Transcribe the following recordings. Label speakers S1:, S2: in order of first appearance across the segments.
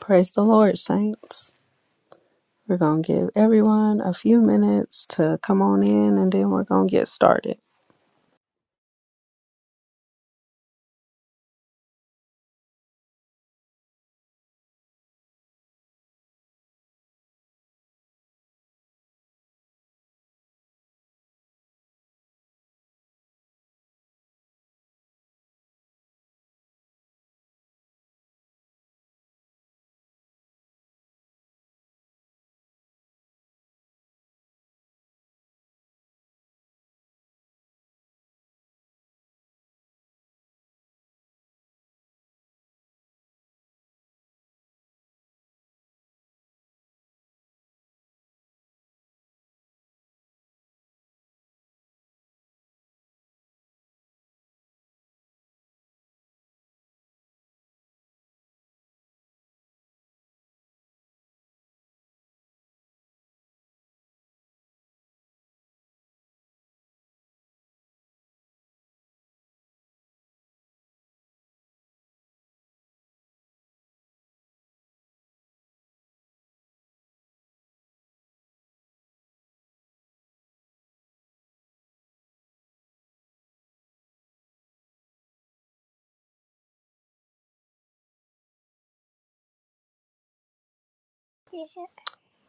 S1: Praise the Lord, saints. We're going to give everyone a few minutes to come on in and then we're going to get started.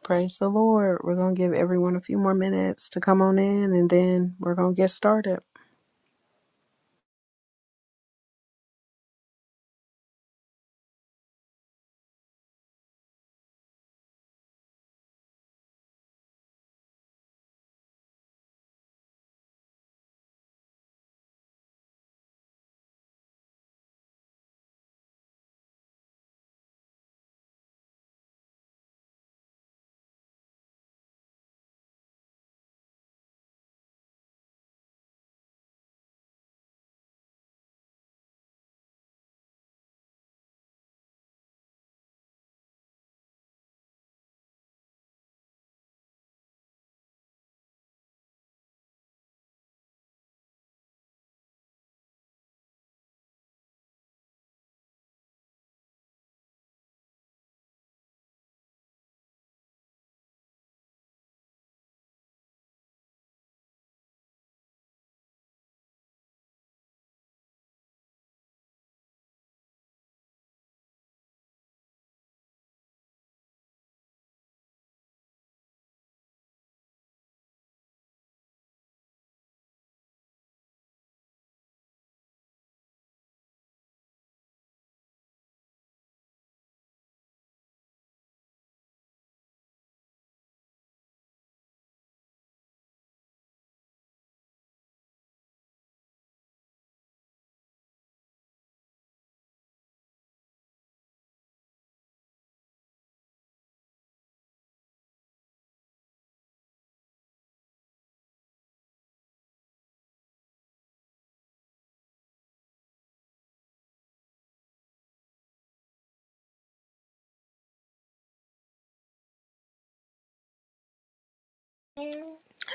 S1: Praise the Lord. We're going to give everyone a few more minutes to come on in and then we're going to get started.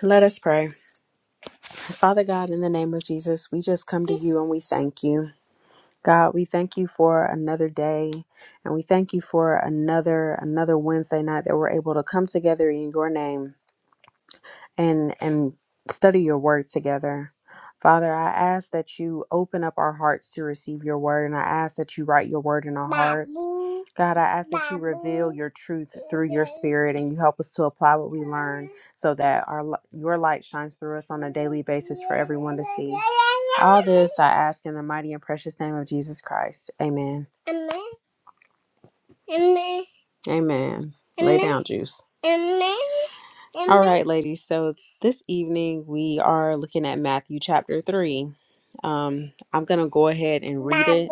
S1: Let us pray. Father God, in the name of Jesus, we just come to you and we thank you. God, we thank you for another day and we thank you for another another Wednesday night that we're able to come together in your name. and and study your word together. Father, I ask that you open up our hearts to receive your word, and I ask that you write your word in our hearts. God, I ask that you reveal your truth through your spirit and you help us to apply what we learn so that our li- your light shines through us on a daily basis for everyone to see. All this I ask in the mighty and precious name of Jesus Christ. Amen. Amen. Amen. Amen. Lay down, Juice. Amen. All right, ladies. So this evening we are looking at Matthew chapter 3. Um, I'm going to go ahead and read it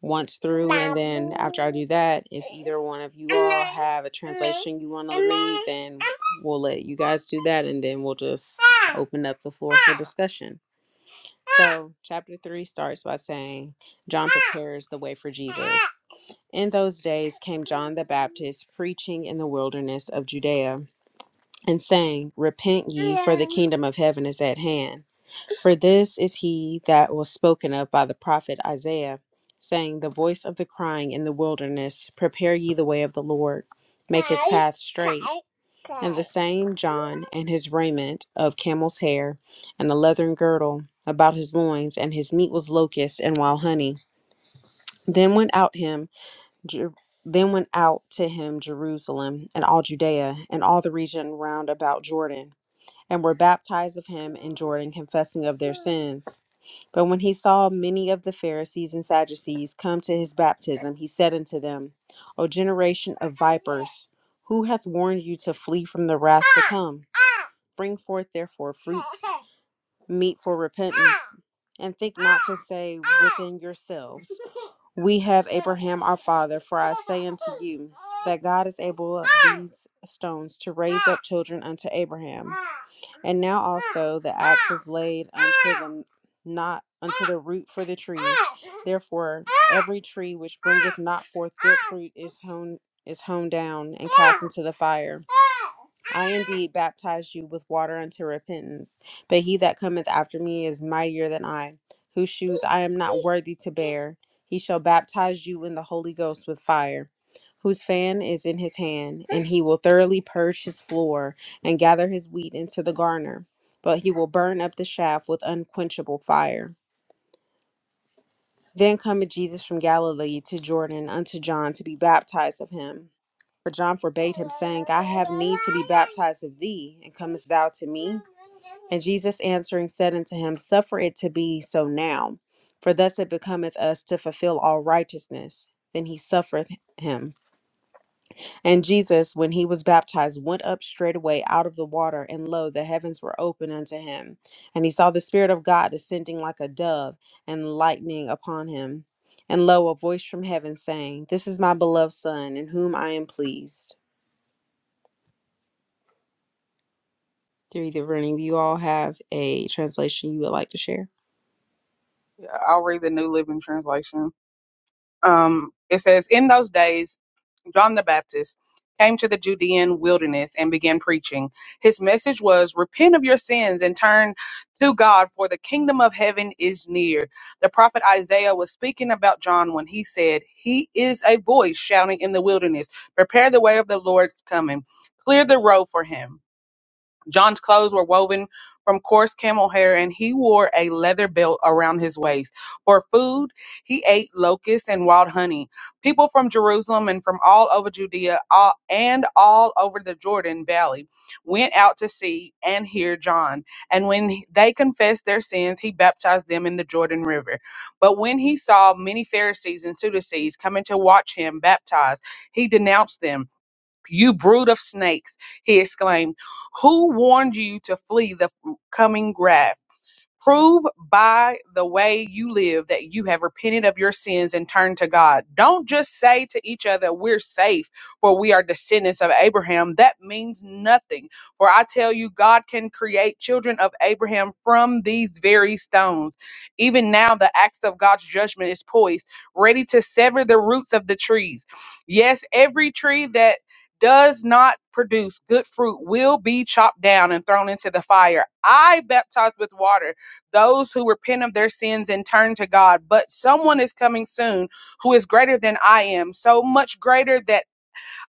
S1: once through, and then after I do that, if either one of you all have a translation you want to read, then we'll let you guys do that, and then we'll just open up the floor for discussion. So, chapter 3 starts by saying, John prepares the way for Jesus. In those days came John the Baptist preaching in the wilderness of Judea and saying, Repent ye, for the kingdom of heaven is at hand. For this is he that was spoken of by the prophet Isaiah, saying, The voice of the crying in the wilderness, Prepare ye the way of the Lord, make his path straight. And the same John, and his raiment of camel's hair, and a leathern girdle about his loins, and his meat was locusts and wild honey. Then went out him. Jer- then went out to him Jerusalem and all Judea and all the region round about Jordan and were baptized of him in Jordan, confessing of their sins. But when he saw many of the Pharisees and Sadducees come to his baptism, he said unto them, O generation of vipers, who hath warned you to flee from the wrath to come? Bring forth therefore fruits meet for repentance, and think not to say within yourselves, We have Abraham our father, for I say unto you, that God is able of these stones to raise up children unto Abraham. And now also the axe is laid unto them, not unto the root for the trees. Therefore every tree which bringeth not forth good fruit is hewn is hewn down and cast into the fire. I indeed baptize you with water unto repentance but he that cometh after me is mightier than I, whose shoes I am not worthy to bear. He shall baptize you in the Holy Ghost with fire, whose fan is in his hand, and he will thoroughly purge his floor and gather his wheat into the garner, but he will burn up the chaff with unquenchable fire. Then cometh Jesus from Galilee to Jordan unto John to be baptized of him. But John forbade him, saying, I have need to be baptized of thee, and comest thou to me? And Jesus answering said unto him, Suffer it to be so now, for thus it becometh us to fulfill all righteousness. Then he suffereth him. And Jesus, when he was baptized, went up straightway out of the water, and lo, the heavens were open unto him. And he saw the Spirit of God descending like a dove, and lightning upon him. And lo, a voice from heaven saying, This is my beloved Son, in whom I am pleased. Through the room, you all have a translation you would like to share.
S2: I'll read the New Living Translation. Um, it says, In those days, John the Baptist came to the Judean wilderness and began preaching. His message was, 'Repent of your sins and turn to God, for the kingdom of heaven is near. The prophet Isaiah was speaking about John when he said, 'He is a voice shouting in the wilderness, Prepare the way of the Lord's coming, clear the road for him. John's clothes were woven from coarse camel hair, and he wore a leather belt around his waist. For food, he ate locusts and wild honey. People from Jerusalem and from all over Judea all, and all over the Jordan Valley went out to see and hear John. And when he- they confessed their sins, he baptized them in the Jordan River. But when he saw many Pharisees and Sadducees coming to watch him baptize, he denounced them you brood of snakes, he exclaimed. Who warned you to flee the coming wrath? Prove by the way you live that you have repented of your sins and turned to God. Don't just say to each other, We're safe, for we are descendants of Abraham. That means nothing. For I tell you, God can create children of Abraham from these very stones. Even now, the axe of God's judgment is poised, ready to sever the roots of the trees. Yes, every tree that does not produce good fruit will be chopped down and thrown into the fire. I baptize with water those who repent of their sins and turn to God. But someone is coming soon who is greater than I am, so much greater that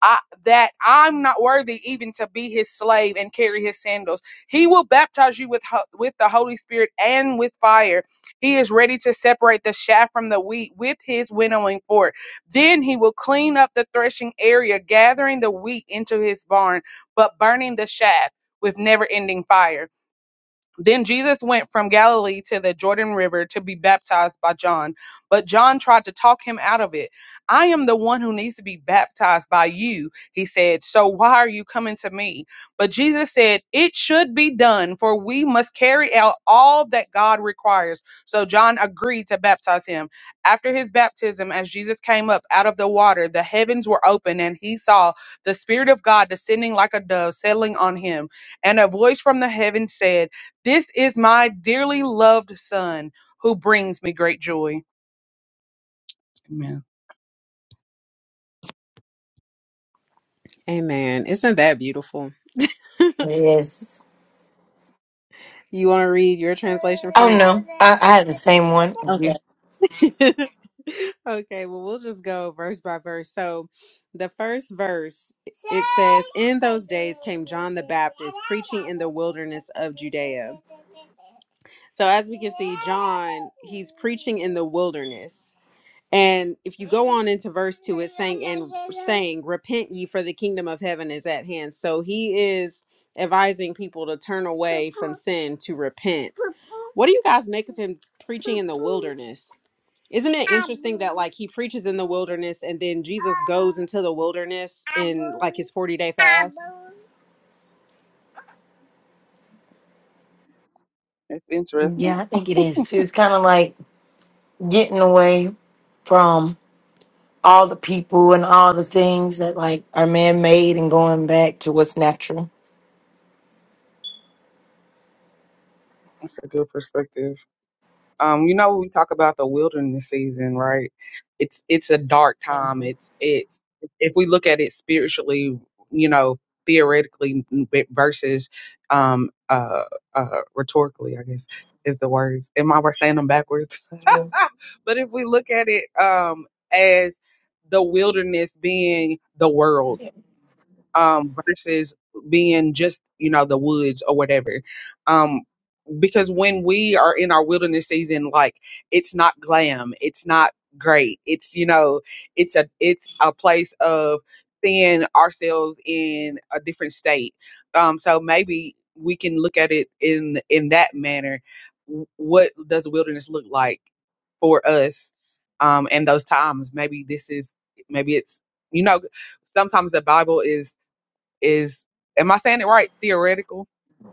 S2: I that I'm not worthy even to be his slave and carry his sandals. He will baptize you with ho- with the Holy Spirit and with fire. He is ready to separate the chaff from the wheat with his winnowing fork. Then he will clean up the threshing area, gathering the wheat into his barn, but burning the chaff with never-ending fire. Then Jesus went from Galilee to the Jordan River to be baptized by John. But John tried to talk him out of it. I am the one who needs to be baptized by you, he said. So why are you coming to me? But Jesus said, It should be done, for we must carry out all that God requires. So John agreed to baptize him. After his baptism, as Jesus came up out of the water, the heavens were open, and he saw the Spirit of God descending like a dove settling on him. And a voice from the heavens said, this is my dearly loved son who brings me great joy. Amen.
S1: Amen. Isn't that beautiful?
S3: Yes.
S1: You want to read your translation,
S3: Oh
S1: Frank?
S3: no, I, I had the same one. as you.
S1: Okay. okay, well, we'll just go verse by verse. So, the first verse, it says, In those days came John the Baptist preaching in the wilderness of Judea. So, as we can see, John, he's preaching in the wilderness. And if you go on into verse 2, it's saying, and saying, Repent ye, for the kingdom of heaven is at hand. So he is advising people to turn away from sin, to repent. What do you guys make of him preaching in the wilderness? Isn't it interesting that, like, he preaches in the wilderness and then Jesus goes into the wilderness in, like, his 40 day fast?
S2: That's interesting.
S3: Yeah, I think it is. She was kind of like getting away from all the people and all the things that like are man made and going back to what's natural.
S2: That's a good perspective. Um, you know, we talk about the wilderness season, right? It's it's a dark time.
S3: Mhm.
S2: It's it's if we look at it spiritually, you know, theoretically versus um uh uh rhetorically, I guess is the words. Am I saying them backwards?
S3: Yeah.
S2: But if we look at it um, as the wilderness being the world
S3: Yeah.
S2: um, versus being just, you know, the woods or whatever, um, because when we are in our wilderness season, like it's not glam, it's not great, it's you know, it's a it's a place of seeing ourselves in a different state. Um, so maybe we can look at it in in that manner. W- What does wilderness look like? for us um in those times maybe this is maybe it's you know sometimes the bible is is am i saying it right theoretical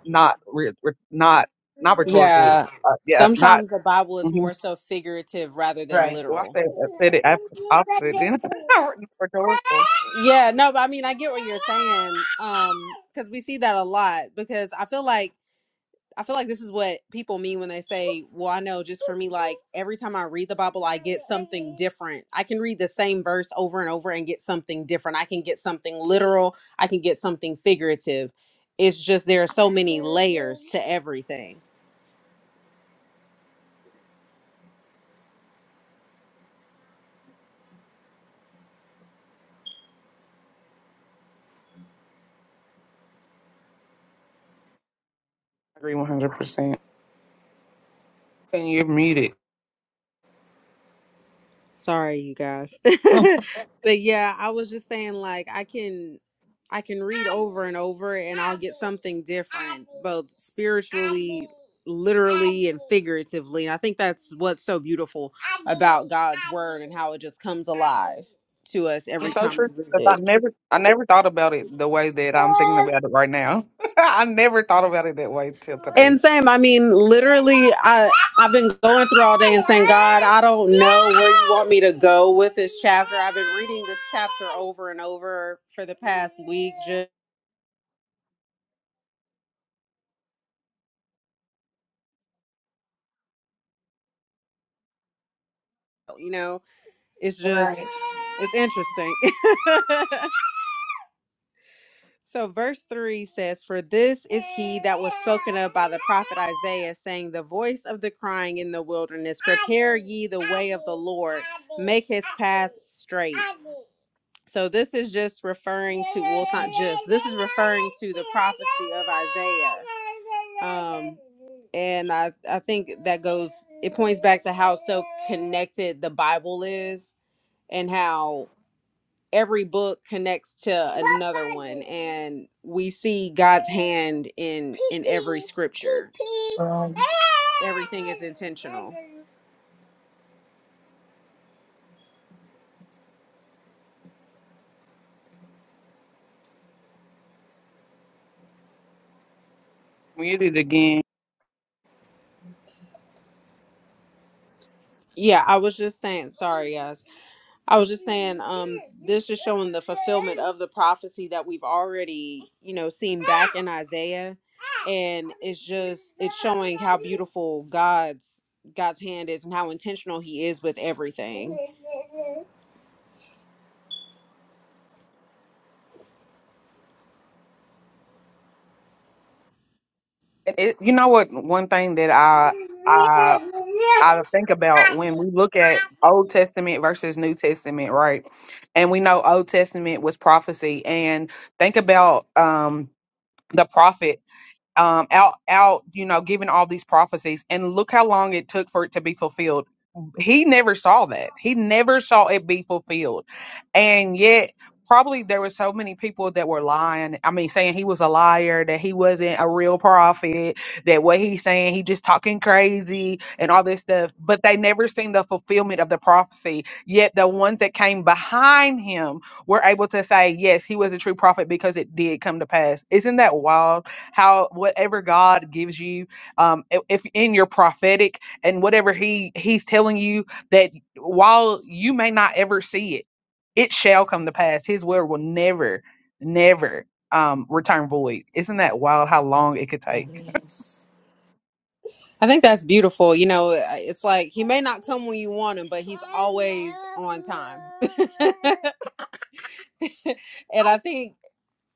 S2: not re, re- not not rhetorical
S1: Yeah.
S2: uh, yeah not
S1: Sometimes the Bible is
S2: hmm
S1: more so figurative rather than
S3: Right.
S2: well i
S1: literal.
S2: said, I said it after i said it then rhetorical
S1: Yeah, no, but I mean, I get what you're saying. Um, because we see that a lot. Because I feel like I feel like this is what people mean when they say, "Well, I know." Just for me, like every time I read the Bible, I get something different. I can read the same verse over and over and get something different. I can get something literal. I can get something figurative. It's just there are so many layers to everything.
S2: i agree 100% and you're muted
S1: Sorry, you guys.
S3: Mm.
S1: but yeah, I was just saying like I can I can read over and over and I'll get something different, both spiritually, literally, and figuratively. And I think that's what's so beautiful about God's word and how it just comes alive to us every
S2: it's so
S1: time
S2: true
S1: we
S2: because i
S1: read
S2: never i never thought about it the way that i'm thinking
S1: it.
S2: about it right now i never thought about it that way till today
S1: And same, I mean, literally, I I've been going through all day and saying, God, I don't know where you want me to go with this chapter. I've been reading this chapter over and over for the past week. Just you know, it's just
S3: Right.
S1: it's interesting. So, verse 3 says, For this is he that was spoken of by the prophet Isaiah, saying, The voice of the crying in the wilderness, prepare ye the way of the Lord, make his path straight. So, this is just referring to, well, it's not just, this is referring to the prophecy of Isaiah. Um, and I, I think that goes, it points back to how so connected the Bible is and how every book connects to another one and we see god's hand in in every scripture
S3: Um,
S1: everything is intentional
S2: muted again
S1: yeah i was just saying sorry guys i was just saying um this is showing the fulfillment of the prophecy that we've already you know seen back in isaiah and it's just it's showing how beautiful god's god's hand is and how intentional he is with everything
S2: And It, you know what? One thing that I I I think about when we look at Old Testament versus New Testament, right? And we know Old Testament was prophecy, and think about um the prophet um, out out you know giving all these prophecies and look how long it took for it to be fulfilled he never saw that he never saw it be fulfilled and yet probably there were so many people that were lying i mean saying he was a liar that he wasn't a real prophet that what he's saying he just talking crazy and all this stuff but they never seen the fulfillment of the prophecy yet the ones that came behind him were able to say yes he was a true prophet because it did come to pass isn't that wild how whatever God gives you, um, i- if in your prophetic and whatever He He's telling you that while you may not ever see it, it shall come to pass. His word will never, never um return void. Isn't that wild? How long it could take?
S3: yes.
S1: I think that's beautiful. You know, uh, it's like he may not come when you want him, but he's always on time. and I think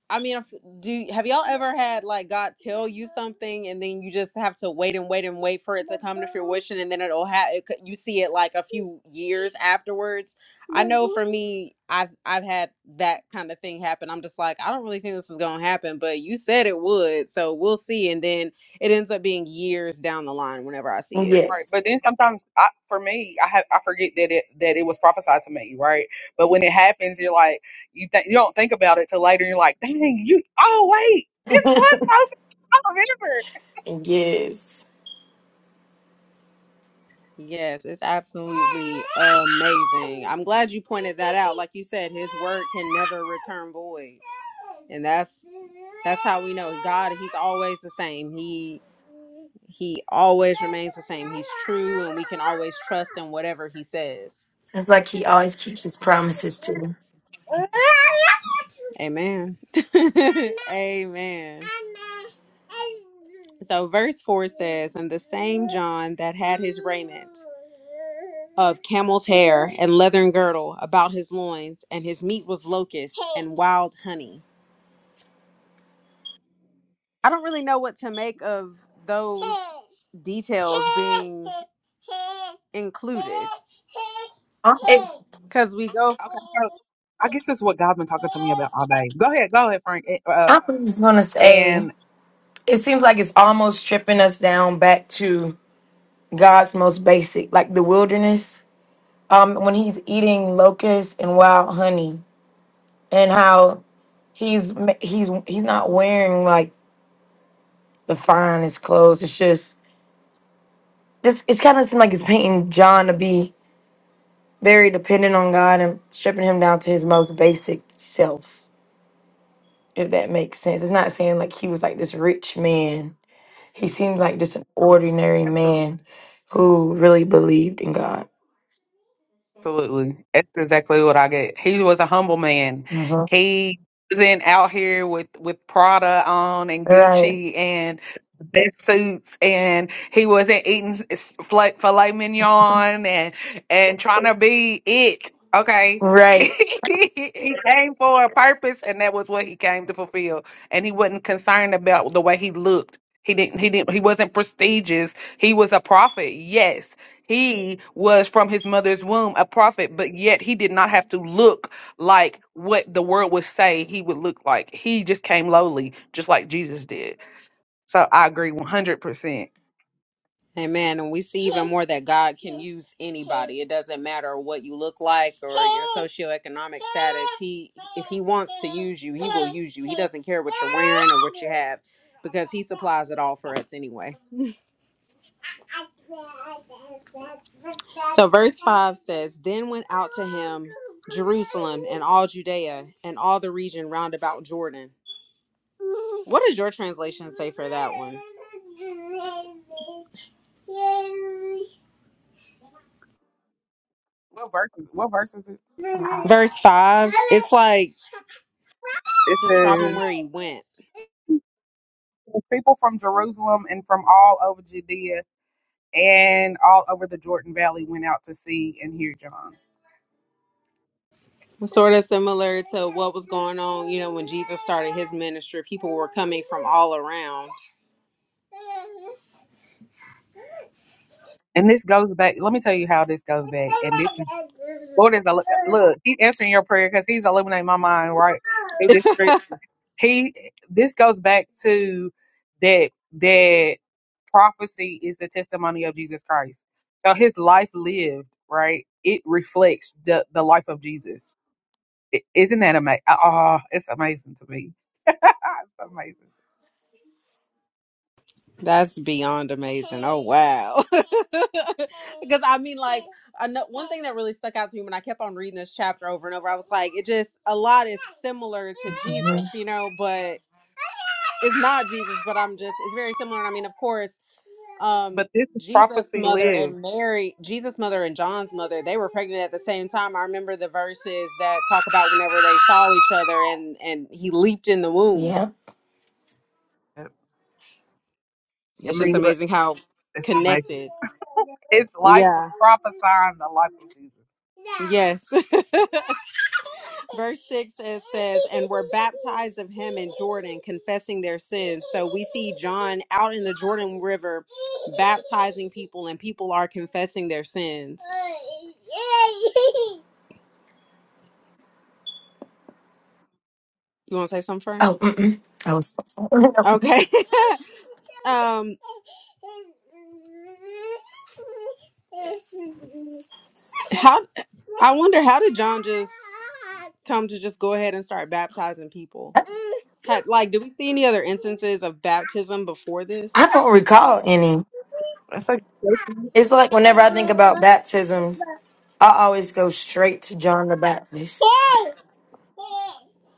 S1: I mean, if, do have y'all ever had like God tell you something and then you just have to wait and wait and wait for it to come to fruition and then it'll have it, could- you see it like a few years afterwards. I know for me, I've I've had that kind of thing happen. I'm just like, I don't really think this is gonna happen, but you said it would, so we'll see. And then it ends up being years down the line whenever I see it.
S2: Right, but
S3: Yes.
S2: then sometimes I, for me, I have I forget that it that it was prophesied to me, right? But when it happens, you're like you think you don't think about it till later. You're like, dang, you oh wait, this was prophesied. I remember.
S3: Yes.
S1: Yes, it's absolutely amazing. I'm glad you pointed that out. Like you said, his word can never return void. And that's that's how we know God, he's always the same. He he always remains the same. He's true and we can always trust in whatever he says.
S3: It's like he always keeps his promises to you.
S1: Amen. Amen. So, verse 4 says, And the same John that had his raiment of camel's hair and leathern girdle about his loins, and his meat was locusts and wild honey. I don't really know what to make of those details being included
S3: I, it,
S1: because we go
S2: Okay, so I guess that's what God's been talking to me about all day. Go ahead, go ahead, Frank. eh, Uh,
S3: I was going to say,
S2: and
S3: it seems like it's almost stripping us down back to. God's most basic, like the wilderness, um, when he's eating locusts and wild honey, and how he's ma- he's he's not wearing like the finest clothes. It's just this. It's kind of like it's painting John to be very dependent on God and stripping him down to his most basic self. If that makes sense, it's not saying like he was like this rich man. He seems like just an ordinary man who really believed in God.
S2: Absolutely. That's exactly what I get. He was a humble man.
S3: Mhm.
S2: He wasn't out here with, with Prada on and
S3: Right.
S2: Gucci and the best suits, and he wasn't eating s- s- fla- filet mignon and, and trying to be it. Okay.
S3: Right.
S2: he came for a purpose, and that was what he came to fulfill. And he wasn't concerned about the way he looked. He didn't. He didn't. He wasn't prestigious. He was a prophet, yes, he was from his mother's womb a prophet, but yet he did not have to look like what the world would say he would look like. He just came lowly, just like Jesus did. So I agree 100%.
S1: Amen. And we see even more that God can use anybody. It doesn't matter what you look like or your socioeconomic status. He if he wants to use you, he will use you. He doesn't care what you're wearing or what you have because he supplies it all for us anyway. So verse 5 says, Then went out to him Jerusalem and all Judea and all the region round about Jordan. What does your translation say for that one?
S2: What verse? is- What verse is it?
S1: verse 5 it's like
S2: It
S1: describing
S2: says,
S1: where he went
S2: People from Jerusalem and from all over Judea and all over the Jordan Valley went out to see and hear John.
S1: sort of similar to what was going on you know when jesus started his ministry people were coming from all around
S2: And this goes back. Let me tell you how this goes back. And this is Lord is a look. He's answering your prayer because He's illuminating my mind right through this. scripture. He. This goes back to that that prophecy is the testimony of Jesus Christ. So His life lived right. It reflects the the life of Jesus. I- Isn't that amazing? Oh, it's amazing to me. it's amazing.
S1: that's beyond amazing oh wow because i mean like I know, one thing that really stuck out to me when i kept on reading this chapter over and over i was like it just a lot is similar to jesus you know but it's not Jesus, but I'm just it's very similar. And I mean, of course, um
S2: But this is
S1: Jesus'
S2: prophecy
S1: mother
S2: live.
S1: and Mary, Jesus' mother and John's mother, they were pregnant at the same time. I remember the verses that talk about whenever they saw each other and and he leaped in the womb.
S3: Yeah.
S2: I
S1: It's just
S2: mean, but
S1: amazing how
S2: it's amazing.
S1: connected.
S2: His life was
S1: Yeah.
S2: prophesying the life of Jesus.
S1: Yes. Verse 6 it says, And were baptized of him in Jordan, confessing their sins. So we see John out in the Jordan River baptizing people, and people are confessing their sins. You want to say something,
S3: Oh, mm-mm. I was.
S1: Okay. um how I wonder how did John just come to just go ahead and start baptizing people? Had- Like, do we see any other instances of baptism before
S3: I
S1: this?
S3: don't recall any.
S2: That's a
S3: It's like whenever I think about baptisms, I always go straight to John the Baptist.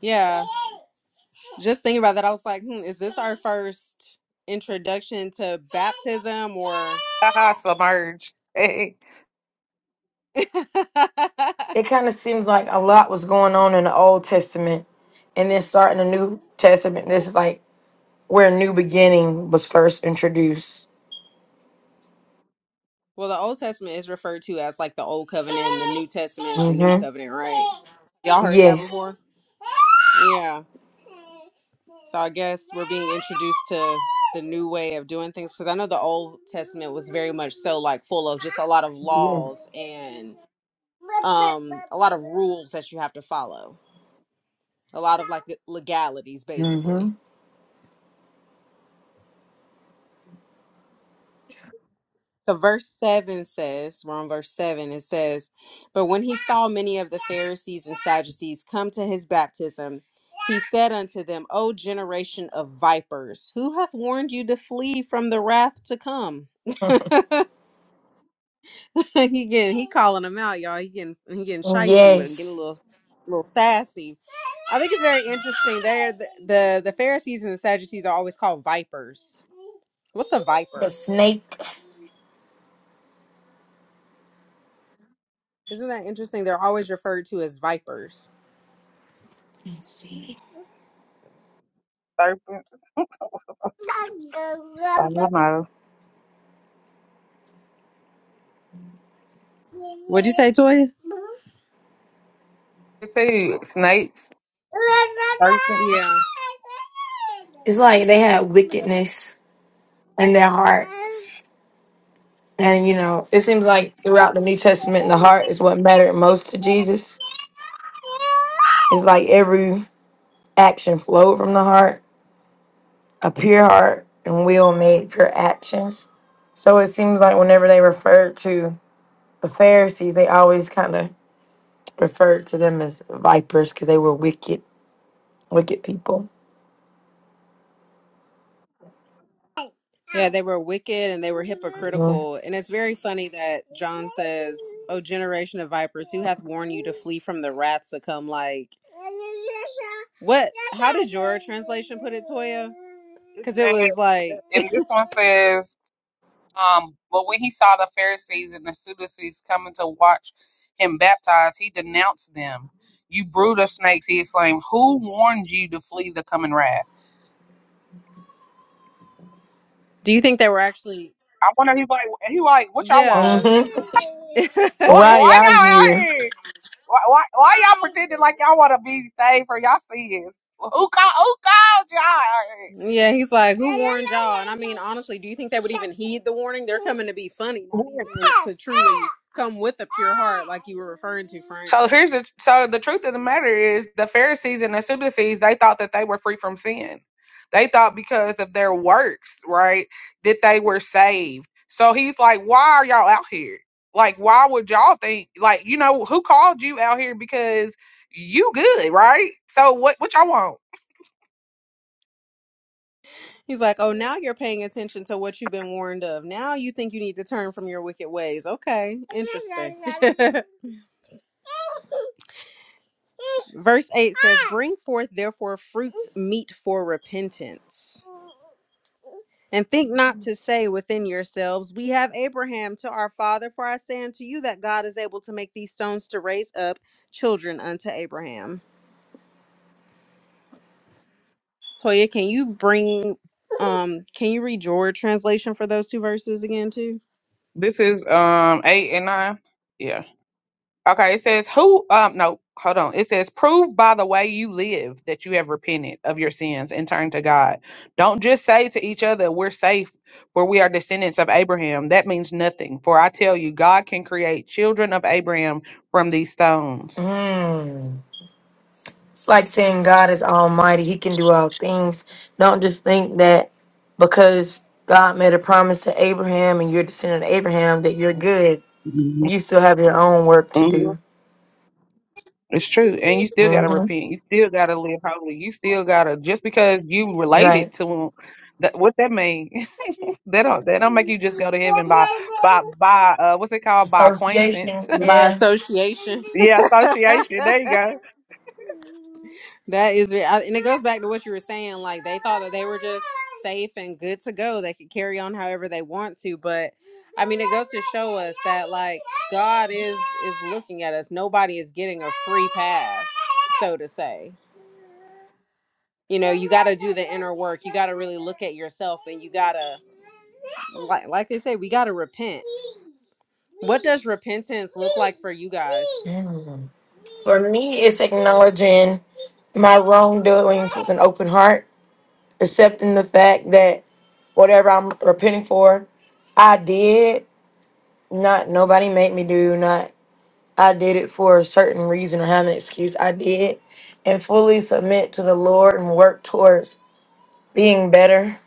S1: Yeah. Just thinking about that, I was like, hmm, is this our first introduction to baptism or?
S2: submerged. Hey,
S3: It kind of seems like a lot was going on in the Old Testament, and then starting the New Testament. This is like where new beginning was first introduced.
S1: well, the Old Testament is referred to as like the Old Covenant, and the New Testament is the New
S3: Mm-hmm.
S1: Covenant, right? Y'all heard that
S3: Yes.
S1: before? Yeah. So I guess we're being introduced to the new way of doing things because I know the Old Testament was very much so like full of just a lot of
S3: Yes.
S1: laws and um a lot of rules that you have to follow. a lot of like legalities basically
S3: Mm-hmm.
S1: so verse 7 says we're on verse 7 it says but when he saw many of the pharisees and sadducees come to his baptism he said unto them o generation of vipers who hath warned you to flee from the wrath to come he getting he calling them out y'all he getting he getting shisty with him getting a
S3: Yes.
S1: little little sassy i think it's very interesting there the, the the pharisees and the sadducees are always called vipers what's a viper
S3: The snake.
S1: Isn't that interesting? They're always referred to as vipers.
S3: Let's see.
S2: serpents. I don't know.
S1: What'd you say, Toya?
S2: It says snakes, serpents.
S1: Yeah.
S3: It's like they had wickedness in their hearts. And you know, it seems like throughout the New Testament, the heart is what mattered most to Jesus. It's like every action flowed from the heart, a pure heart and will made pure actions. So it seems like whenever they referred to the Pharisees, they always kind of referred to them as vipers because they were wicked, wicked people.
S1: Yeah, they were wicked and they were
S3: hmm
S1: hypocritical. And it's very funny that John says, O generation of vipers, who hath warned you to flee from the wrath to come? Like, what? How did your translation put it, Toya?
S2: It
S1: Because it
S2: says,
S1: was like.
S2: and this one says Um, but when he saw the Pharisees and the Sadducees coming to watch him baptize, he denounced them. You brood of snakes, he exclaimed, Who warned you to flee the coming wrath?
S1: Do you think they were actually?
S2: I wonder he like he like, what y'all want?
S1: Yeah.
S3: Right,
S2: Why, why
S3: y'all
S2: y'all out
S3: here.
S2: here? Why, why, why y'all pretending like y'all want to be saved for y'all sins? Who called, who called y'all? out
S1: yeah, he's like, who warned y'all? And I mean, honestly, do you think they would even heed the warning? They're coming to be funny, not
S2: here?
S1: even to truly come with a pure heart, like you were referring to, Frank.
S2: So here's the so the truth of the matter is the Pharisees and the Sadducees they thought that they were free from sin. They thought because of their works, right, that they were saved. So he's like, why are y'all out here? Like, why would y'all think like you know who called you out here because you good, right? So what what y'all want?
S1: He's like, oh, now you're paying attention to what you've been warned of. Now you think you need to turn from your wicked ways. Okay, interesting. Verse 8 says, Bring forth therefore fruits meet for repentance. And think not to say within yourselves, We have Abraham to our father, for I say unto you that God is able to make these stones to raise up children unto Abraham. Toya, can you bring um can you read your translation for those two verses again too?
S2: This is um eight and nine. yeah. Okay, it says who um no, hold on. It says prove by the way you live that you have repented of your sins and turned to God. Don't just say to each other we're safe for we are descendants of Abraham. That means nothing. For I tell you God can create children of Abraham from these stones.
S3: Mm. It's like saying God is almighty, he can do all things. Don't just think that because God made a promise to Abraham and you're a descendant of Abraham that you're good. You still have your own work to
S2: Mhm.
S3: do.
S2: It's true. And you still gotta
S3: hmm
S2: repent. You still gotta live holy. You still gotta just because you
S3: Right.
S2: related to him, that what that mean? that don't that don't make you just go to heaven by by by uh what's it called? By acquaintance.
S3: Association,
S1: by
S3: yeah.
S1: association.
S2: yeah, association. There you go.
S1: that is, re- I- and it goes back to what you were saying. Like they thought that they were just safe and good to go. They could carry on however they want to. But I mean, it goes to show us that like God is is looking at us. Nobody is getting a free pass, so to say you know you got to do the inner work you got to really look at yourself and you got to like, like they say we got to repent what does repentance look like for you guys
S3: Mm. For me, it's acknowledging my wrongdoings with an open heart, accepting the fact that whatever I'm repenting for, I did. Not nobody made me do. not. I did it for a certain reason or have an excuse, I did, and fully submit to the Lord and work towards being better.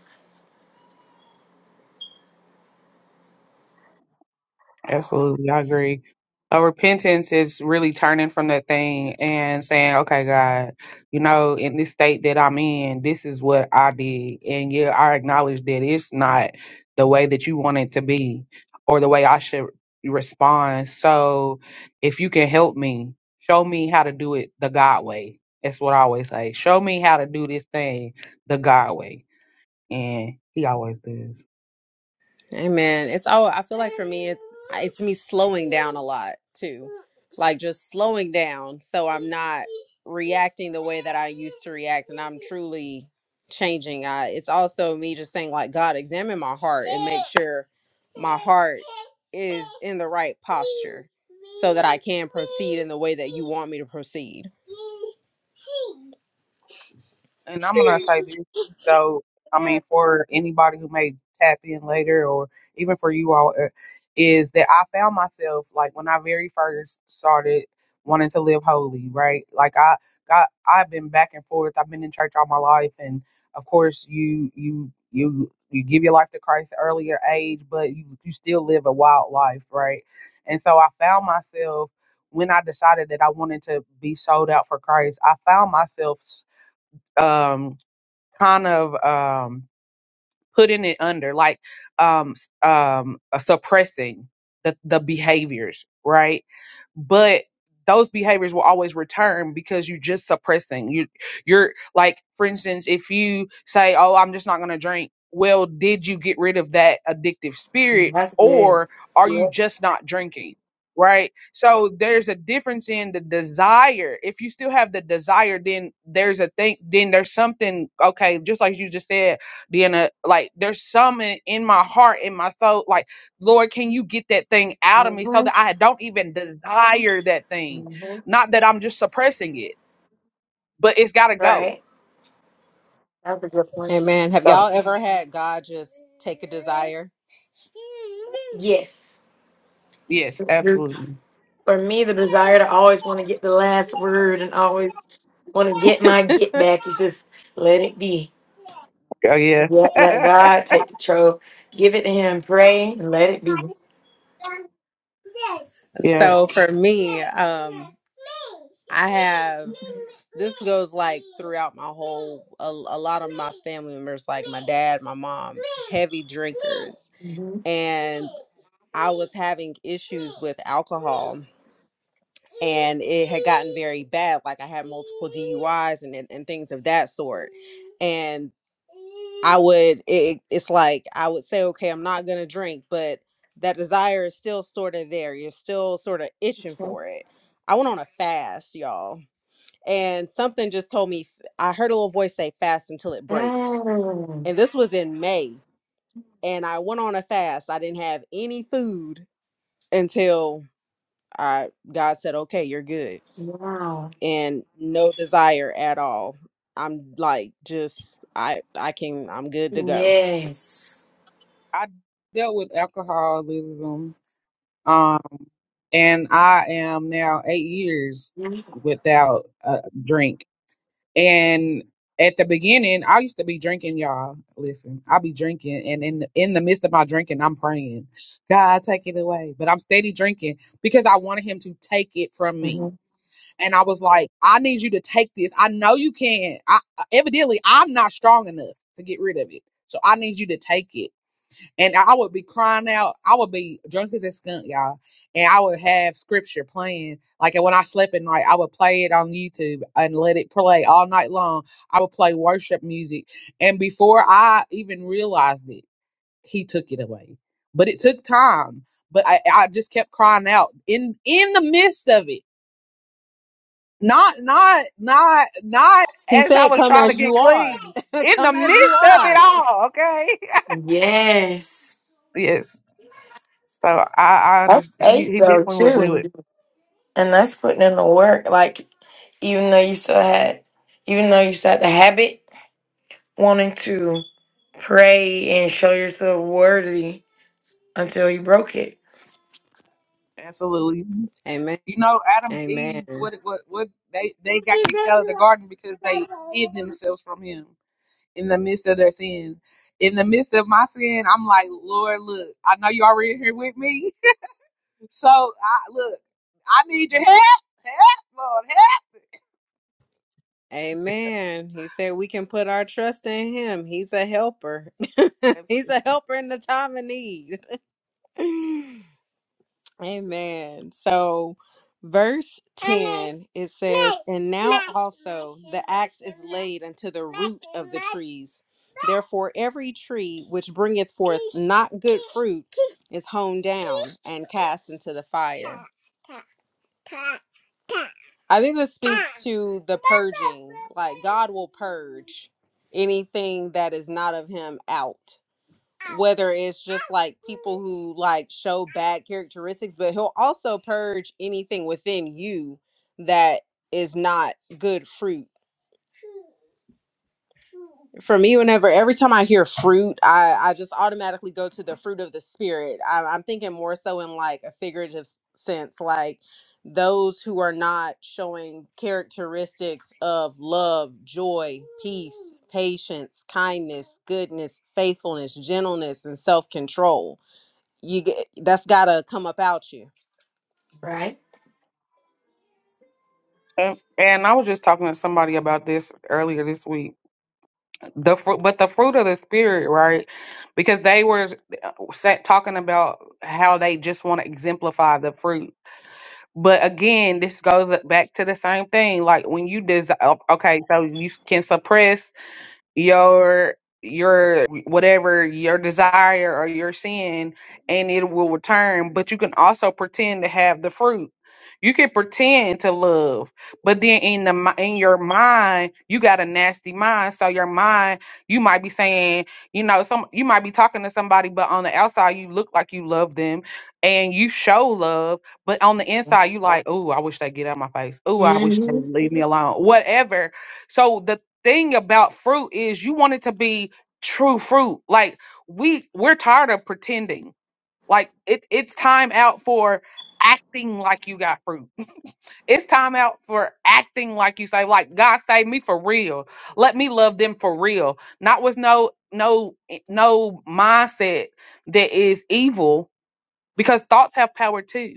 S2: Absolutely, I agree. Uh, repentance is really turning from that thing and saying, "Okay, God, you know, in this state that I'm in, this is what I did, and yeah, I acknowledge that it's not the way that you want it to be, or the way I should respond. So, if you can help me, show me how to do it the God way. That's what I always say. Show me how to do this thing the God way, and He always does.
S1: Amen. It's all I feel like for me it's it's me slowing down a lot too. Like just slowing down so I'm not reacting the way that I used to react and I'm truly changing. I it's also me just saying like God examine my heart and make sure my heart is in the right posture so that I can proceed in the way that you want me to proceed.
S2: and I'm gonna say this. So, I mean, for anybody who may tap in later, or even for you all, uh, is that I found myself like when I very first started wanting to live holy, right? Like I got, I've been back and forth. I've been in church all my life, and of course, you, you, you, you give your life to Christ at earlier age, but you, you still live a wild life, right? And so, I found myself when I decided that I wanted to be sold out for Christ. I found myself. um kind of um putting it under like um s- um uh, suppressing the the behaviors right but those behaviors will always return because you're just suppressing you you're like for instance if you say oh i'm just not going to drink well did you get rid of that addictive
S3: Mm,
S2: spirit
S3: That's good.
S2: or are you
S3: Yep.
S2: just not drinking right so there's a difference in the desire if you still have the desire then there's a thing then there's something okay just like you just said being a like there's some in, in my heart in my soul like lord can you get that thing out of me so
S3: Mm-hmm.
S2: that i don't even desire that thing
S3: Mm-hmm.
S2: not that i'm just suppressing it but it's got to go
S3: Right. That's a good point.
S1: Amen. Have
S2: so
S1: y'all ever had God just take a desire?
S3: Yes.
S2: yes
S3: Mhm.
S2: absolutely
S3: For me, the desire to always want to get the last word and always want to get my get back is just let it be.
S2: oh yeah
S3: Yep, let God take control. Give it to Him. Pray and let it be.
S2: yeah
S1: so for me, um, I have this goes like throughout my whole a, a lot of my family members, like my dad, my mom, heavy drinkers,
S3: Mm-hmm.
S1: and I was having issues with alcohol and it had gotten very bad. Like I had multiple DUIs and and, and things of that sort. And I would it, it's like I would say, okay, I'm not gonna drink, but that desire is still sort of there. You're still sort of itching for it. I went on a fast, y'all, and something just told me. f- I heard a little voice say, "Fast until it breaks,"
S3: Mm.
S1: and this was in May. And I went on a fast. I didn't have any food until I God said, "Okay, you're good."
S3: Wow.
S1: and no desire at all. I'm like just I I can I'm good to go.
S3: Yes.
S2: i dealt with alcoholism um and i am now eight years without a drink And at the beginning, I used to be drinking, y'all. Listen, I'll be drinking, and in in the midst of my drinking, I'm praying, God, take it away. But I'm steady drinking because I wanted Him to take it from me.
S3: Mhm.
S2: And I was like, I need you to take this. I know you can. I evidently I'm not strong enough to get rid of it, so I need you to take it. And I would be crying out. I would be drunk as a skunk, y'all. And I would have scripture playing. Like when I slept at night, I would play it on YouTube and let it play all night long. I would play worship music. And before I even realized it, he took it away. But it took time. But I, I just kept crying out in in the midst of it. Not not not not
S1: He
S2: as I
S1: said
S2: was
S1: come
S2: trying to
S1: as
S2: get
S1: you are.
S2: clean. In the
S1: come as
S2: midst
S1: you
S2: of
S1: are.
S2: it all, okay?
S3: Yes.
S2: yes. So I, I
S3: That's
S2: understand.
S3: faith
S2: He, he
S3: though
S2: definitely will do
S3: too.
S2: it.
S3: And that's putting in the work. Like even though you still had even though you still had the habit, wanting to pray and show yourself worthy until you broke it.
S2: Absolutely.
S1: Amen.
S2: You know, Adam and
S1: Amen.
S2: Eve, what, what, what? They they got kicked out of the garden because they hid themselves from Him in the midst of their sin. In the midst of my sin, I'm like, Lord, look, I know you already here with me, so I look, I need your help, help, Lord,
S1: Amen. He said we can put our trust in him. He's a helper.
S2: help.
S1: He's a helper in the time of need. Amen. So verse 10 it says and now also the axe is laid unto the root of the trees therefore every tree which bringeth forth not good fruit is hewn down and cast into the fire I think this speaks to the purging. Like God will purge anything that is not of him out. Whether it's just like people who like show bad characteristics, but he'll also purge anything within you that is not good fruit for me whenever every time i hear fruit i i just automatically go to the fruit of the spirit I, i'm thinking more so in like a figurative s- sense like those who are not showing characteristics of love joy peace patience kindness goodness faithfulness gentleness and self-control you get, that's gotta come up out you
S3: Right?
S2: And, and I was just talking to somebody about this earlier this week. the fruit but the fruit of the spirit right because they were sat talking about how they just want to exemplify the fruit but again this goes back to the same thing like when you des- okay so you can suppress your your whatever your desire or your sin and it will return but you can also pretend to have the fruit you can pretend to love but then in the mi- in your mind you got a nasty mind so your mind you might be saying you know some you might be talking to somebody but on the outside you look like you love them and you show love but on the inside you like oh i wish they get out of my face oh i wish they
S3: hmm
S2: leave me alone whatever so the thing about fruit is you want it to be true fruit. Like we we're tired of pretending. Like it it's time out for acting like you got fruit. It's time out for acting like you say like God save me for real. Let me love them for real. Not with no no no mindset that is evil because thoughts have power too.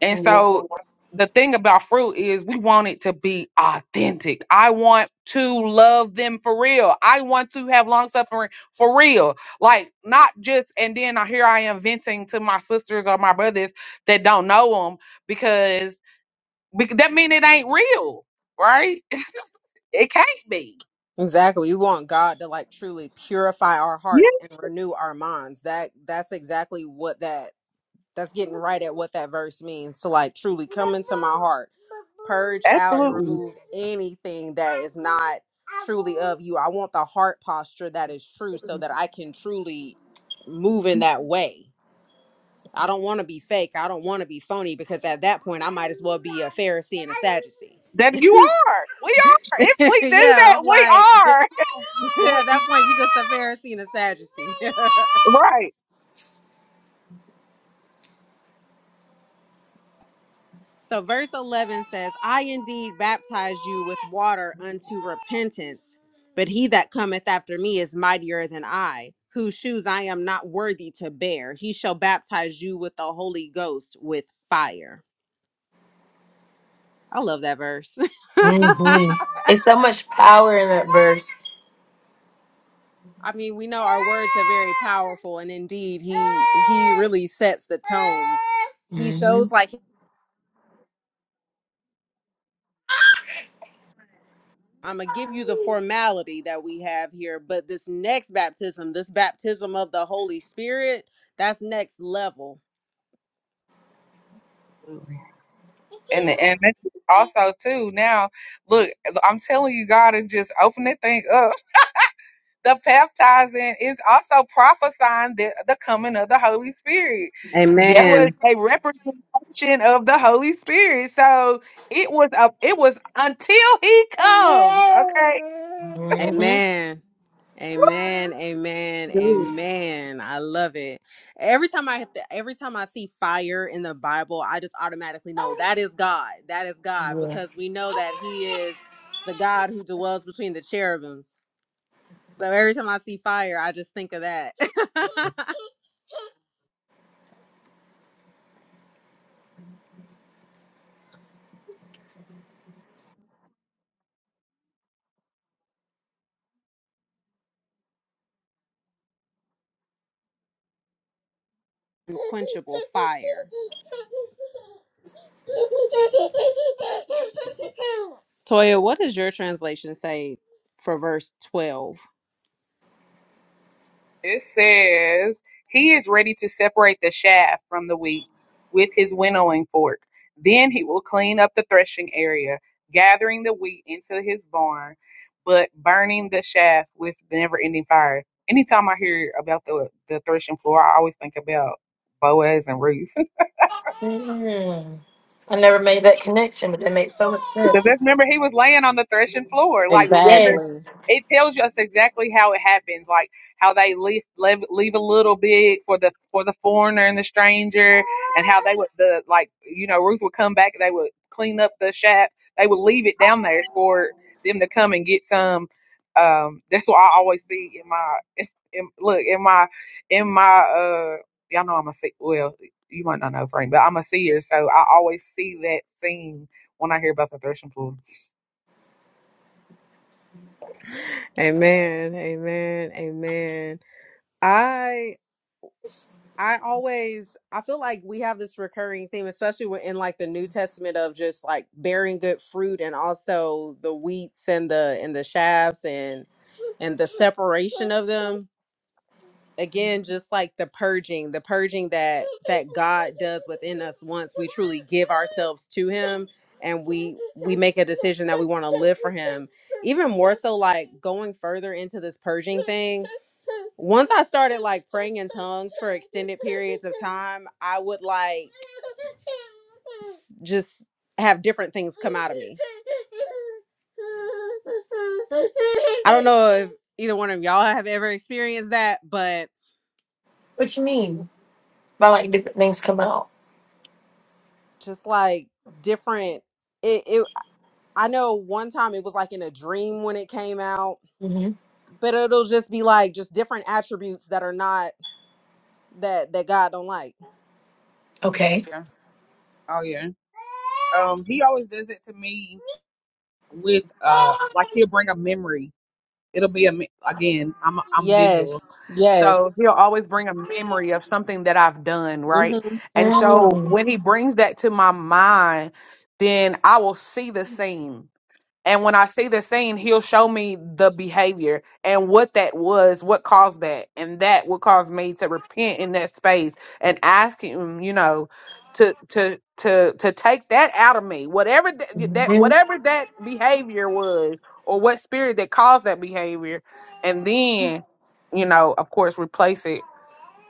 S2: And
S3: hmm
S2: so the thing about fruit is we want it to be authentic. I want to love them for real. I want to have long suffering for real. Like not just and then I here I am venting to my sisters or my brothers that don't know them because, because that mean it ain't real, right? It can't be.
S1: Exactly. We want God to like truly purify our
S2: Yeah,
S1: hearts and renew our minds. That that's exactly what that that's getting right at what that verse means to like truly come into my heart, purge out and
S2: absolutely.
S1: remove anything that is not truly of you. I want the heart posture that is true so that I can truly move in that way. I don't want to be fake. I don't want to be phony because at that point I might as well be a Pharisee and a Sadducee.
S2: That you are. We are. If we do
S1: yeah,
S2: that,
S1: I'm
S2: we
S1: like
S2: are. Do
S1: At
S2: it
S1: that point, you're just a Pharisee and a Sadducee.
S2: Right.
S1: so, verse 11 says, I indeed baptize you with water unto repentance, but he that cometh after me is mightier than I, whose shoes I am not worthy to bear. He shall baptize you with the Holy Ghost with fire. I love that verse.
S3: It's so much power in that verse.
S1: I mean, we know our words are very powerful, and indeed, he he really sets the tone. He
S3: hmm
S1: shows like I'm gonna give you the formality that we have here, but this next baptism, this baptism of the Holy Spirit, that's next level.
S2: And and that's also too now, look, I'm telling you, God is just open that thing up. The baptizing is also prophesying the, the coming of the Holy Spirit. It
S3: Yep.
S2: was
S1: Amen.
S2: a representation of the Holy Spirit. So it was a it was until he comes. Okay.
S1: Amen.
S3: hmm
S1: Amen. Amen.
S2: Good.
S1: Amen. I love it. Every time I hit the, every time I see fire in the Bible, I just automatically know that is God. That is God because we
S3: Yes.
S1: know that he is the God who dwells between the cherubims. So every time I see fire, I just think of that. Unquenchable fire. Toya, what does your translation say for verse 12?
S2: It says, He is ready to separate the chaff from the wheat with his winnowing fork. Then he will clean up the threshing area, gathering the wheat into his barn, but burning the chaff with the never ending fire. Anytime I hear about the, the threshing floor, I always think about Boaz and Ruth.
S3: Mm. I never made that connection, but that makes so much
S2: Because that's,
S3: sense.
S2: remember, he was laying on the threshing floor. Like,
S1: Exactly.
S2: remember,
S3: Yes.
S2: it tells us exactly how it happens. Like how they leave leave, leave a little bit for the for the foreigner and the stranger, and how they would the like you know Ruth would come back. They would clean up the shack. They would leave it down there for them to come and get some. Um, that's what I always see in my in, look in my in my uh y'all know I'm a see well you might not know Frank, but I'm a seer, so I always see that scene when I hear about the threshing floor.
S1: Amen. Amen. Amen. I I always I feel like we have this recurring theme, especially when- in like the New Testament of just like bearing good fruit and also the wheats and the and the shafts and and the separation of them again just like the purging the purging that that god does within us once we truly give ourselves to him and we we make a decision that we want to live for him even more so like going further into this purging thing once i started like praying in tongues for extended periods of time i would like s- just have different things come out of me i don't know either one of y'all have ever experienced that, but
S3: What you mean? By like different things come out.
S1: just like different. It, it, I know one time it was like in a dream when it came out,
S3: hmm
S1: but it'll just be like just different attributes that are not that that God don't like.
S3: Okay.
S2: Yeah. Oh yeah. Um, he always does it to me with uh, like he'll bring a memory. It'll be a me- again. I'm I'm
S1: Yes,
S2: visual,
S1: yes,
S2: so he'll always bring a memory of something that I've done, right?
S1: hmm
S2: And so when
S3: Mm-hmm.
S2: he brings that to my mind, then I will see the scene And when I see the scene, he'll show me the behavior and what that was, what caused that. And that will cause me to repent in that space and ask him, you know, to to to to take that out of me. Whatever that, that whatever that behavior was or what spirit that caused that behavior and then, you know, of course replace it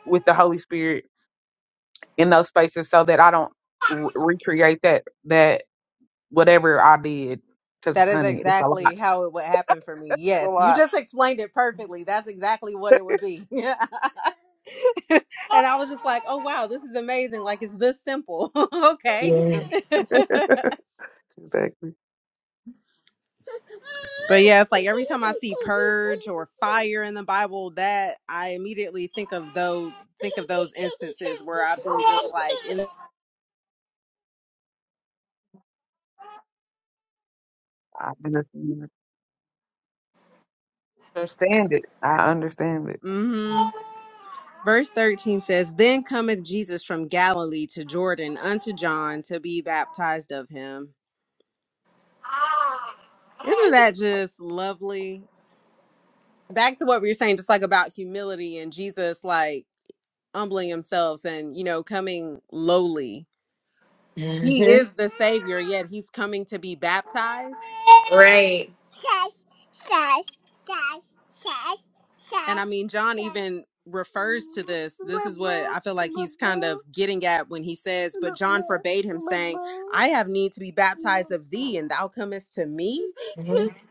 S2: with the Holy Spirit in those spaces so that I don't re- recreate that that whatever I did
S1: that
S2: cuz
S1: is
S2: honey, it's
S1: exactly
S2: a
S1: how it would happen for me. Yes, you
S2: lot.
S1: just explained it perfectly. That's exactly what it would be. Yeah, and I was just like, oh wow, this is amazing. Like it's this simple. okay.
S3: Yes.
S2: Exactly.
S1: But yeah, it's like every time I see purge or fire in the Bible, that I immediately think of those think of those instances where I've been just like in
S2: I understand understand it. I understand it.
S1: hmm Verse 13 says, Then cometh Jesus from Galilee to Jordan unto John to be baptized of him. Isn't that just lovely? Back to what we were saying, just like about humility and Jesus like humbling himself and, you know, coming lowly. He
S3: hmm
S1: is the Savior, yet he's coming to be baptized
S3: Right.
S1: says, says, says, says, says. And I mean, John says. even refers to this. This is what I feel like he's kind of getting at when he says, But John forbade him, saying, I have need to be baptized of thee, and thou comest to me.
S3: hmm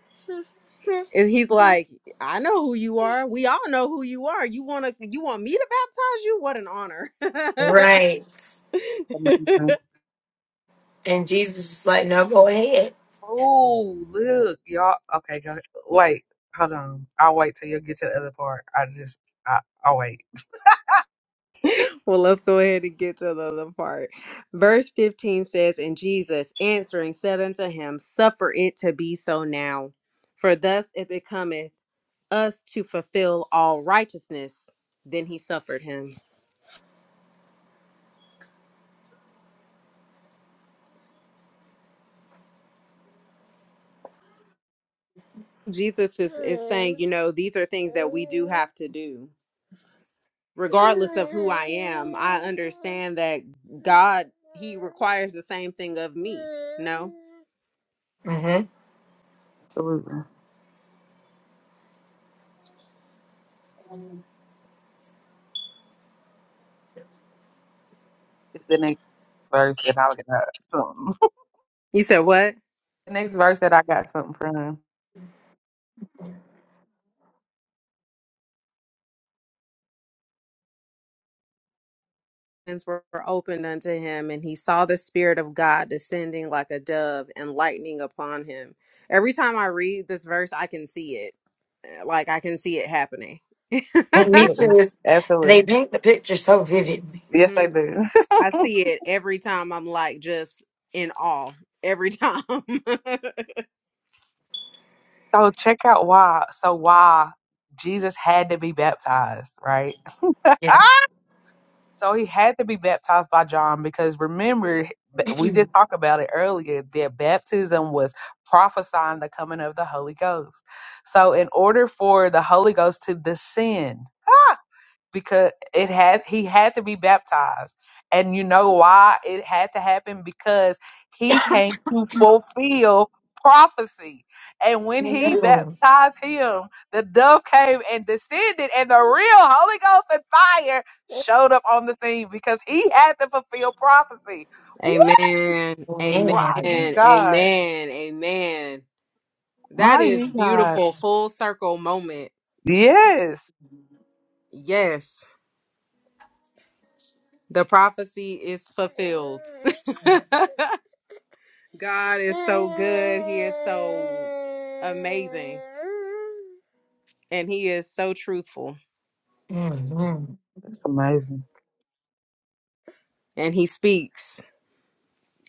S1: And he's like, I know who you are. We all know who you are. You wanna you want me to baptize you? What an honor.
S3: Right.
S2: Amazing.
S3: And Jesus is like, no, go ahead.
S2: Oh, look, y'all. Okay, go. Wait, hold on. I'll wait till you get to the other part. I just, I, I'll wait.
S1: Well, let's go ahead and get to the other part. Verse 15 says, And Jesus answering said unto him, Suffer it to be so now, for thus it becometh us to fulfill all righteousness. Then he suffered him. Jesus is, is saying, You know, these are things that we do have to do. Regardless of who I am, I understand that God, He requires the same thing of me. No?
S3: Mm-hmm.
S2: Absolutely. It's the next verse that I got something.
S1: You said what?
S2: the next verse that I got something from.
S1: were opened unto him, and he saw the Spirit of God descending like a dove and lightning upon him. Every time I read this verse, I can see it. Uh, Like, I can see it happening.
S3: Me too.
S2: Absolutely.
S3: Is they
S2: Absolutely.
S3: paint the picture so vividly.
S2: Yes,
S1: hmm
S2: I do.
S1: I see it every time. I'm like just in awe every time.
S2: so check out why. So why Jesus had to be baptized, right?
S3: Yeah.
S2: So he had to be baptized by John because remember, b- we
S3: mm
S2: did talk about it earlier that baptism was prophesying the coming of the Holy Ghost. So, in order for the Holy Ghost to descend, because it had he had to be baptized and you know why it had to happen because he came to fulfill prophecy and when he baptized him the dove came and descended and the real holy ghost and fire showed up on the scene because he had to fulfill prophecy Woo!
S1: amen. Amen.
S3: Man.
S2: mighty
S1: Amen.
S2: god
S1: Amen. That is
S2: mighty god
S1: beautiful. Full circle moment.
S2: yes
S1: Yes. The prophecy is fulfilled. God is so good. He is so amazing. And he is so truthful.
S3: Mm-hmm.
S2: that's amazing
S1: And he speaks.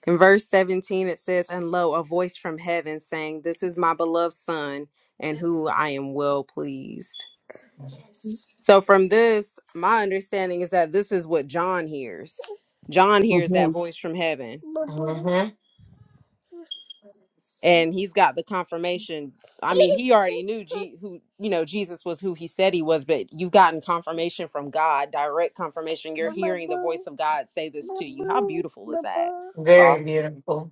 S1: In verse 17, it says, And lo, a voice from heaven saying, This is my beloved son, and who I am well pleased.
S3: Yes.
S1: So, from this, my understanding is that this is what John hears. John hears
S2: hmm
S1: that voice from heaven. and
S3: Mm-hmm.
S1: he's got the confirmation i mean he already knew G- who you know jesus was who he said he was but you've gotten confirmation from god direct confirmation you're hearing the voice of god say this to you how beautiful is that
S3: Very
S2: awesome
S3: beautiful.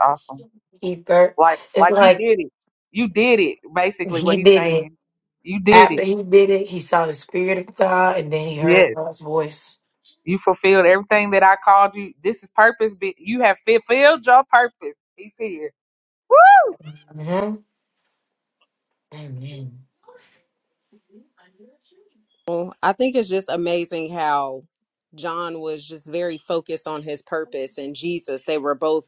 S2: awesome
S3: He thir-
S2: Like
S3: it's
S2: like you
S3: like
S2: did it. You did it, basically
S3: he
S2: what he's
S3: did it.
S2: saying. You did
S3: After
S2: it.
S3: he did it, he saw the spirit of God and then he heard
S2: Yes.
S3: God's voice.
S2: You fulfilled everything that I called you. This is purpose. Be- You have fulfilled your purpose. He's here. Woo!
S3: hmm Amen.
S1: well i think it's just amazing how john was just very focused on his purpose and jesus they were both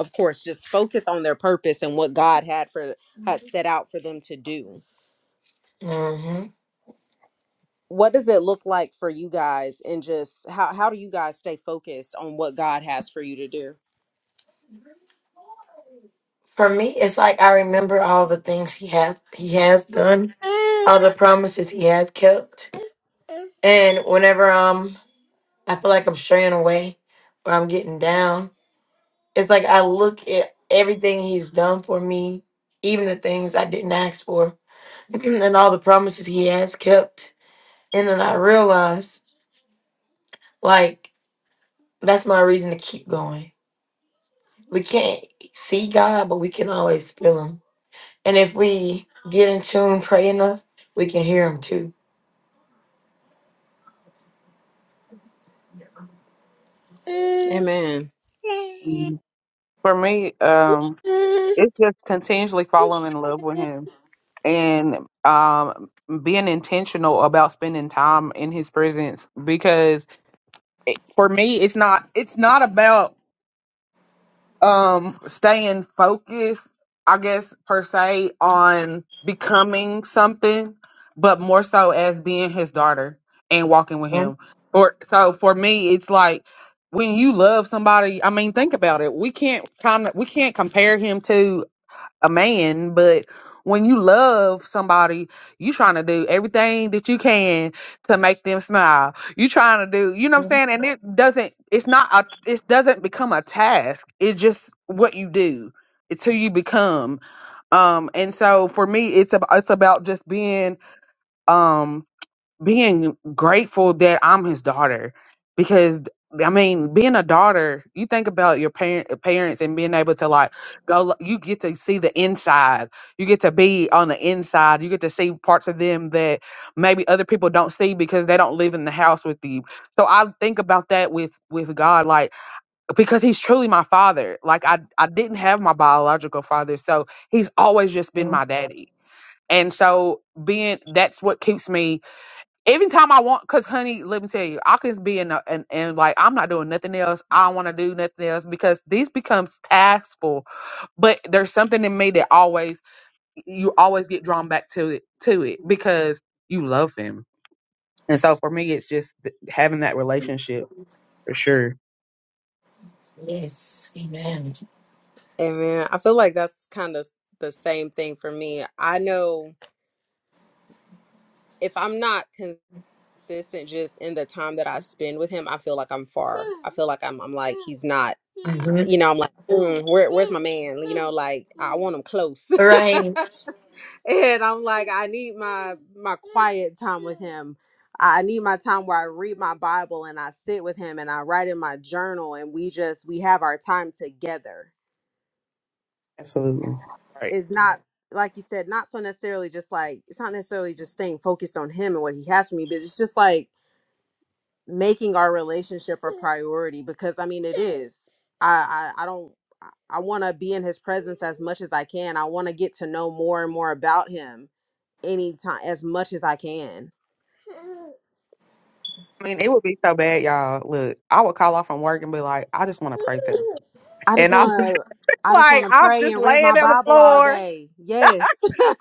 S1: of course just focused on their purpose and what god had for had set out for them to do
S3: hmm
S1: what does it look like for you guys and just how how do you guys stay focused on what God has for you to do?
S3: For me, it's like I remember all the things he have he has done, all the promises he has kept. And whenever um I feel like I'm straying away or I'm getting down, it's like I look at everything he's done for me, even the things I didn't ask for, and all the promises he has kept And then I realized, like, that's my reason to keep going. We can't see God, but we can always feel Him. And if we get in tune, pray enough, we can hear Him too.
S1: Amen.
S2: Mhm. For me, um, it's just continually falling in love with him and um being intentional about spending time in his presence because for me it's not it's not about um staying focused i guess per se on becoming something but more so as being his daughter and walking with
S3: Mhm,
S2: him or so for me it's like when you love somebody i mean think about it we can't kind of we can't compare him to a man, but when you love somebody, you trying to do everything that you can to make them smile. You trying to do, you know what
S3: mhm,
S2: I'm saying? And it doesn't, it's not a, it doesn't become a task. It's just what you do. It's who you become. Um, and so for me, it's about, it's about just being, um being grateful that I'm his daughter because I mean, being a daughter, you think about your parent parents and being able to like go you get to see the inside. You get to be on the inside. You get to see parts of them that maybe other people don't see because they don't live in the house with you. So I think about that with with God like because he's truly my father. Like I I didn't have my biological father, so he's always just been
S3: mhm.
S2: my daddy. And so being that's what keeps me Every time I want, cause honey, let me tell you, I can be in a, and and like I'm not doing nothing else. I don't want to do nothing else because these becomes taskful. But there's something in me that always you always get drawn back to it to it because you love him. And so for me, it's just th- having that relationship for sure.
S3: Yes, amen.
S1: Amen. I feel like that's kind of the same thing for me. I know if I'm not consistent just in the time that I spend with him, I feel like I'm far. I feel like I'm I'm like he's not
S3: hmm
S1: you know, I'm like, mm, where where's my man? You know, like I want him close.
S3: Right.
S1: and I'm like, I need my my quiet time with him. I I need my time where I read my Bible and I sit with him and I write in my journal and we just we have our time together.
S2: Absolutely. Right.
S1: It's Mhm. not like you said, not so necessarily just like it's not necessarily just staying focused on him and what he has for me, but it's just like making our relationship a priority because I mean it is. I I, I don't I I want to be in his presence as much as I can. I want to get to know more and more about him anytime as much as I can
S2: I mean, it would be so bad, y'all. Look, I would call off from work and be like, I just want to pray to.
S1: I just
S2: And I'm
S1: want to. I just want
S2: like,
S1: to
S2: I'm
S1: pray
S2: just
S1: and read my
S2: laying on the
S1: Bible all
S2: floor.
S1: day. Yes.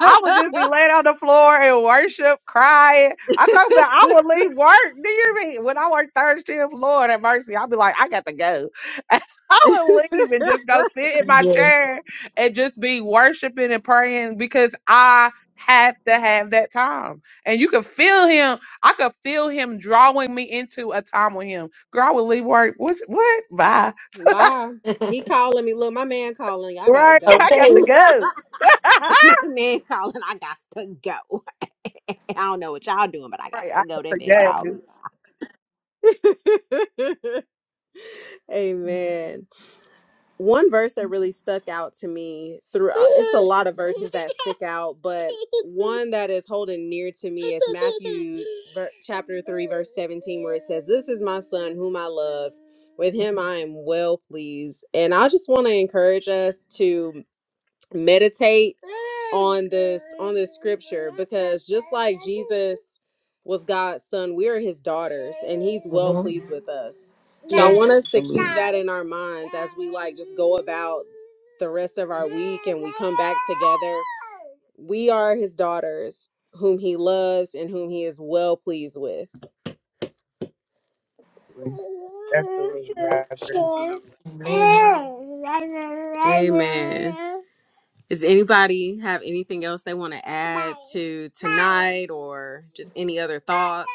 S2: I would just be laying on the floor and worship, crying. I talk about I would leave work. Do you mean When I work third shift, Lord have mercy, I'll be like, I got to go. I would leave and just go sit in my
S3: Yes.
S2: chair and just be worshiping and praying because I have to have that time. And you could feel him. I could feel him drawing me into a time with him. Girl, I would leave work. What? What? Bye.
S1: Bye. He calling me. Look, my man calling. I gotta
S2: Right?
S1: go.
S2: I got
S3: okay.
S2: to go. right. I got to go.
S3: hmm
S1: Amen. one verse that really stuck out to me throughout it's a lot of verses that stick out but one that is holding near to me is matthew ver- chapter 3 verse 17 where it says this is my son whom i love with him i am well pleased and i just want to encourage us to meditate on this on this scripture because just like Jesus was God's son, we are his daughters and he's well pleased with us. So I want
S3: Yes,
S1: us to keep
S2: Absolutely.
S1: that in our minds as we like just go about the rest of our week and we come back together. We are his daughters whom he loves and whom he is well pleased with.
S2: Absolutely. I agree.
S3: amen.
S1: Amen. Does anybody have anything else they want to add to tonight or just any other thoughts?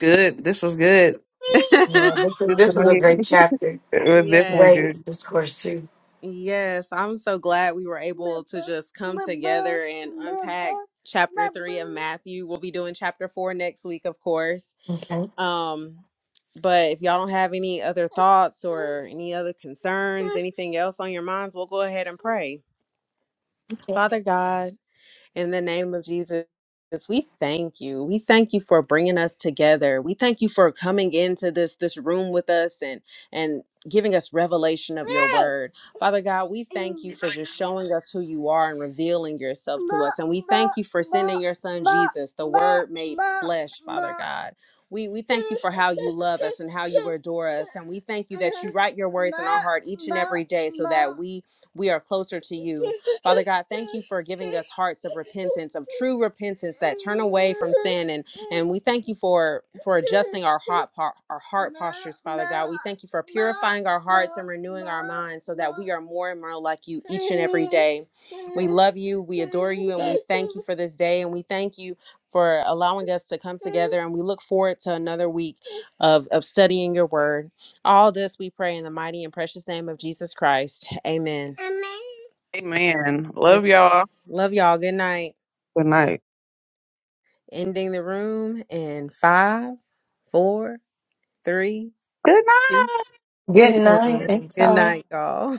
S2: Good. This was good.
S3: Yeah, this, is,
S2: Good to
S3: this was a
S2: me.
S3: great chapter.
S2: It was definitely
S3: Great
S1: yes.
S2: good.
S3: discourse, too.
S1: Yes. I'm so glad we were able to just come together and unpack chapter three of Matthew. We'll be doing chapter four next week, of course.
S3: Okay.
S1: Um, but if y'all don't have any other thoughts or any other concerns, anything else on your minds, we'll go ahead and pray.
S3: okay.
S1: Father God, In the name of Jesus, we thank you. We thank you for bringing us together. We thank you for coming into this this room with us and and giving us revelation of your word. Father God, we thank you for just showing us who you are and revealing yourself to us. And we thank you for sending your son Jesus, the word made flesh, Father God. We, we thank you for how you love us and how you adore us. And we thank you that you write your words in our heart each and every day so that we we are closer to you. Father God, thank you for giving us hearts of repentance, of true repentance that turn away from sin and and we thank you for for adjusting our heart po- our heart postures, Father God. We thank you for purifying our hearts and renewing our minds so that we are more and more like you each and every day. We love you, we adore you, and we thank you for this day and we thank you for allowing us to come together and we look forward to another week of of studying your word. All this we pray in the mighty and precious name of Jesus Christ. Amen. Amen.
S2: Amen.
S1: And
S2: Love y'all.
S1: love y'all. Good night.
S2: Good night.
S1: Ending the room in five, four, three,
S2: Good
S1: two,
S2: night.
S3: Good night.
S1: one.
S3: Thank
S1: Good
S3: y'all.
S1: night, y'all.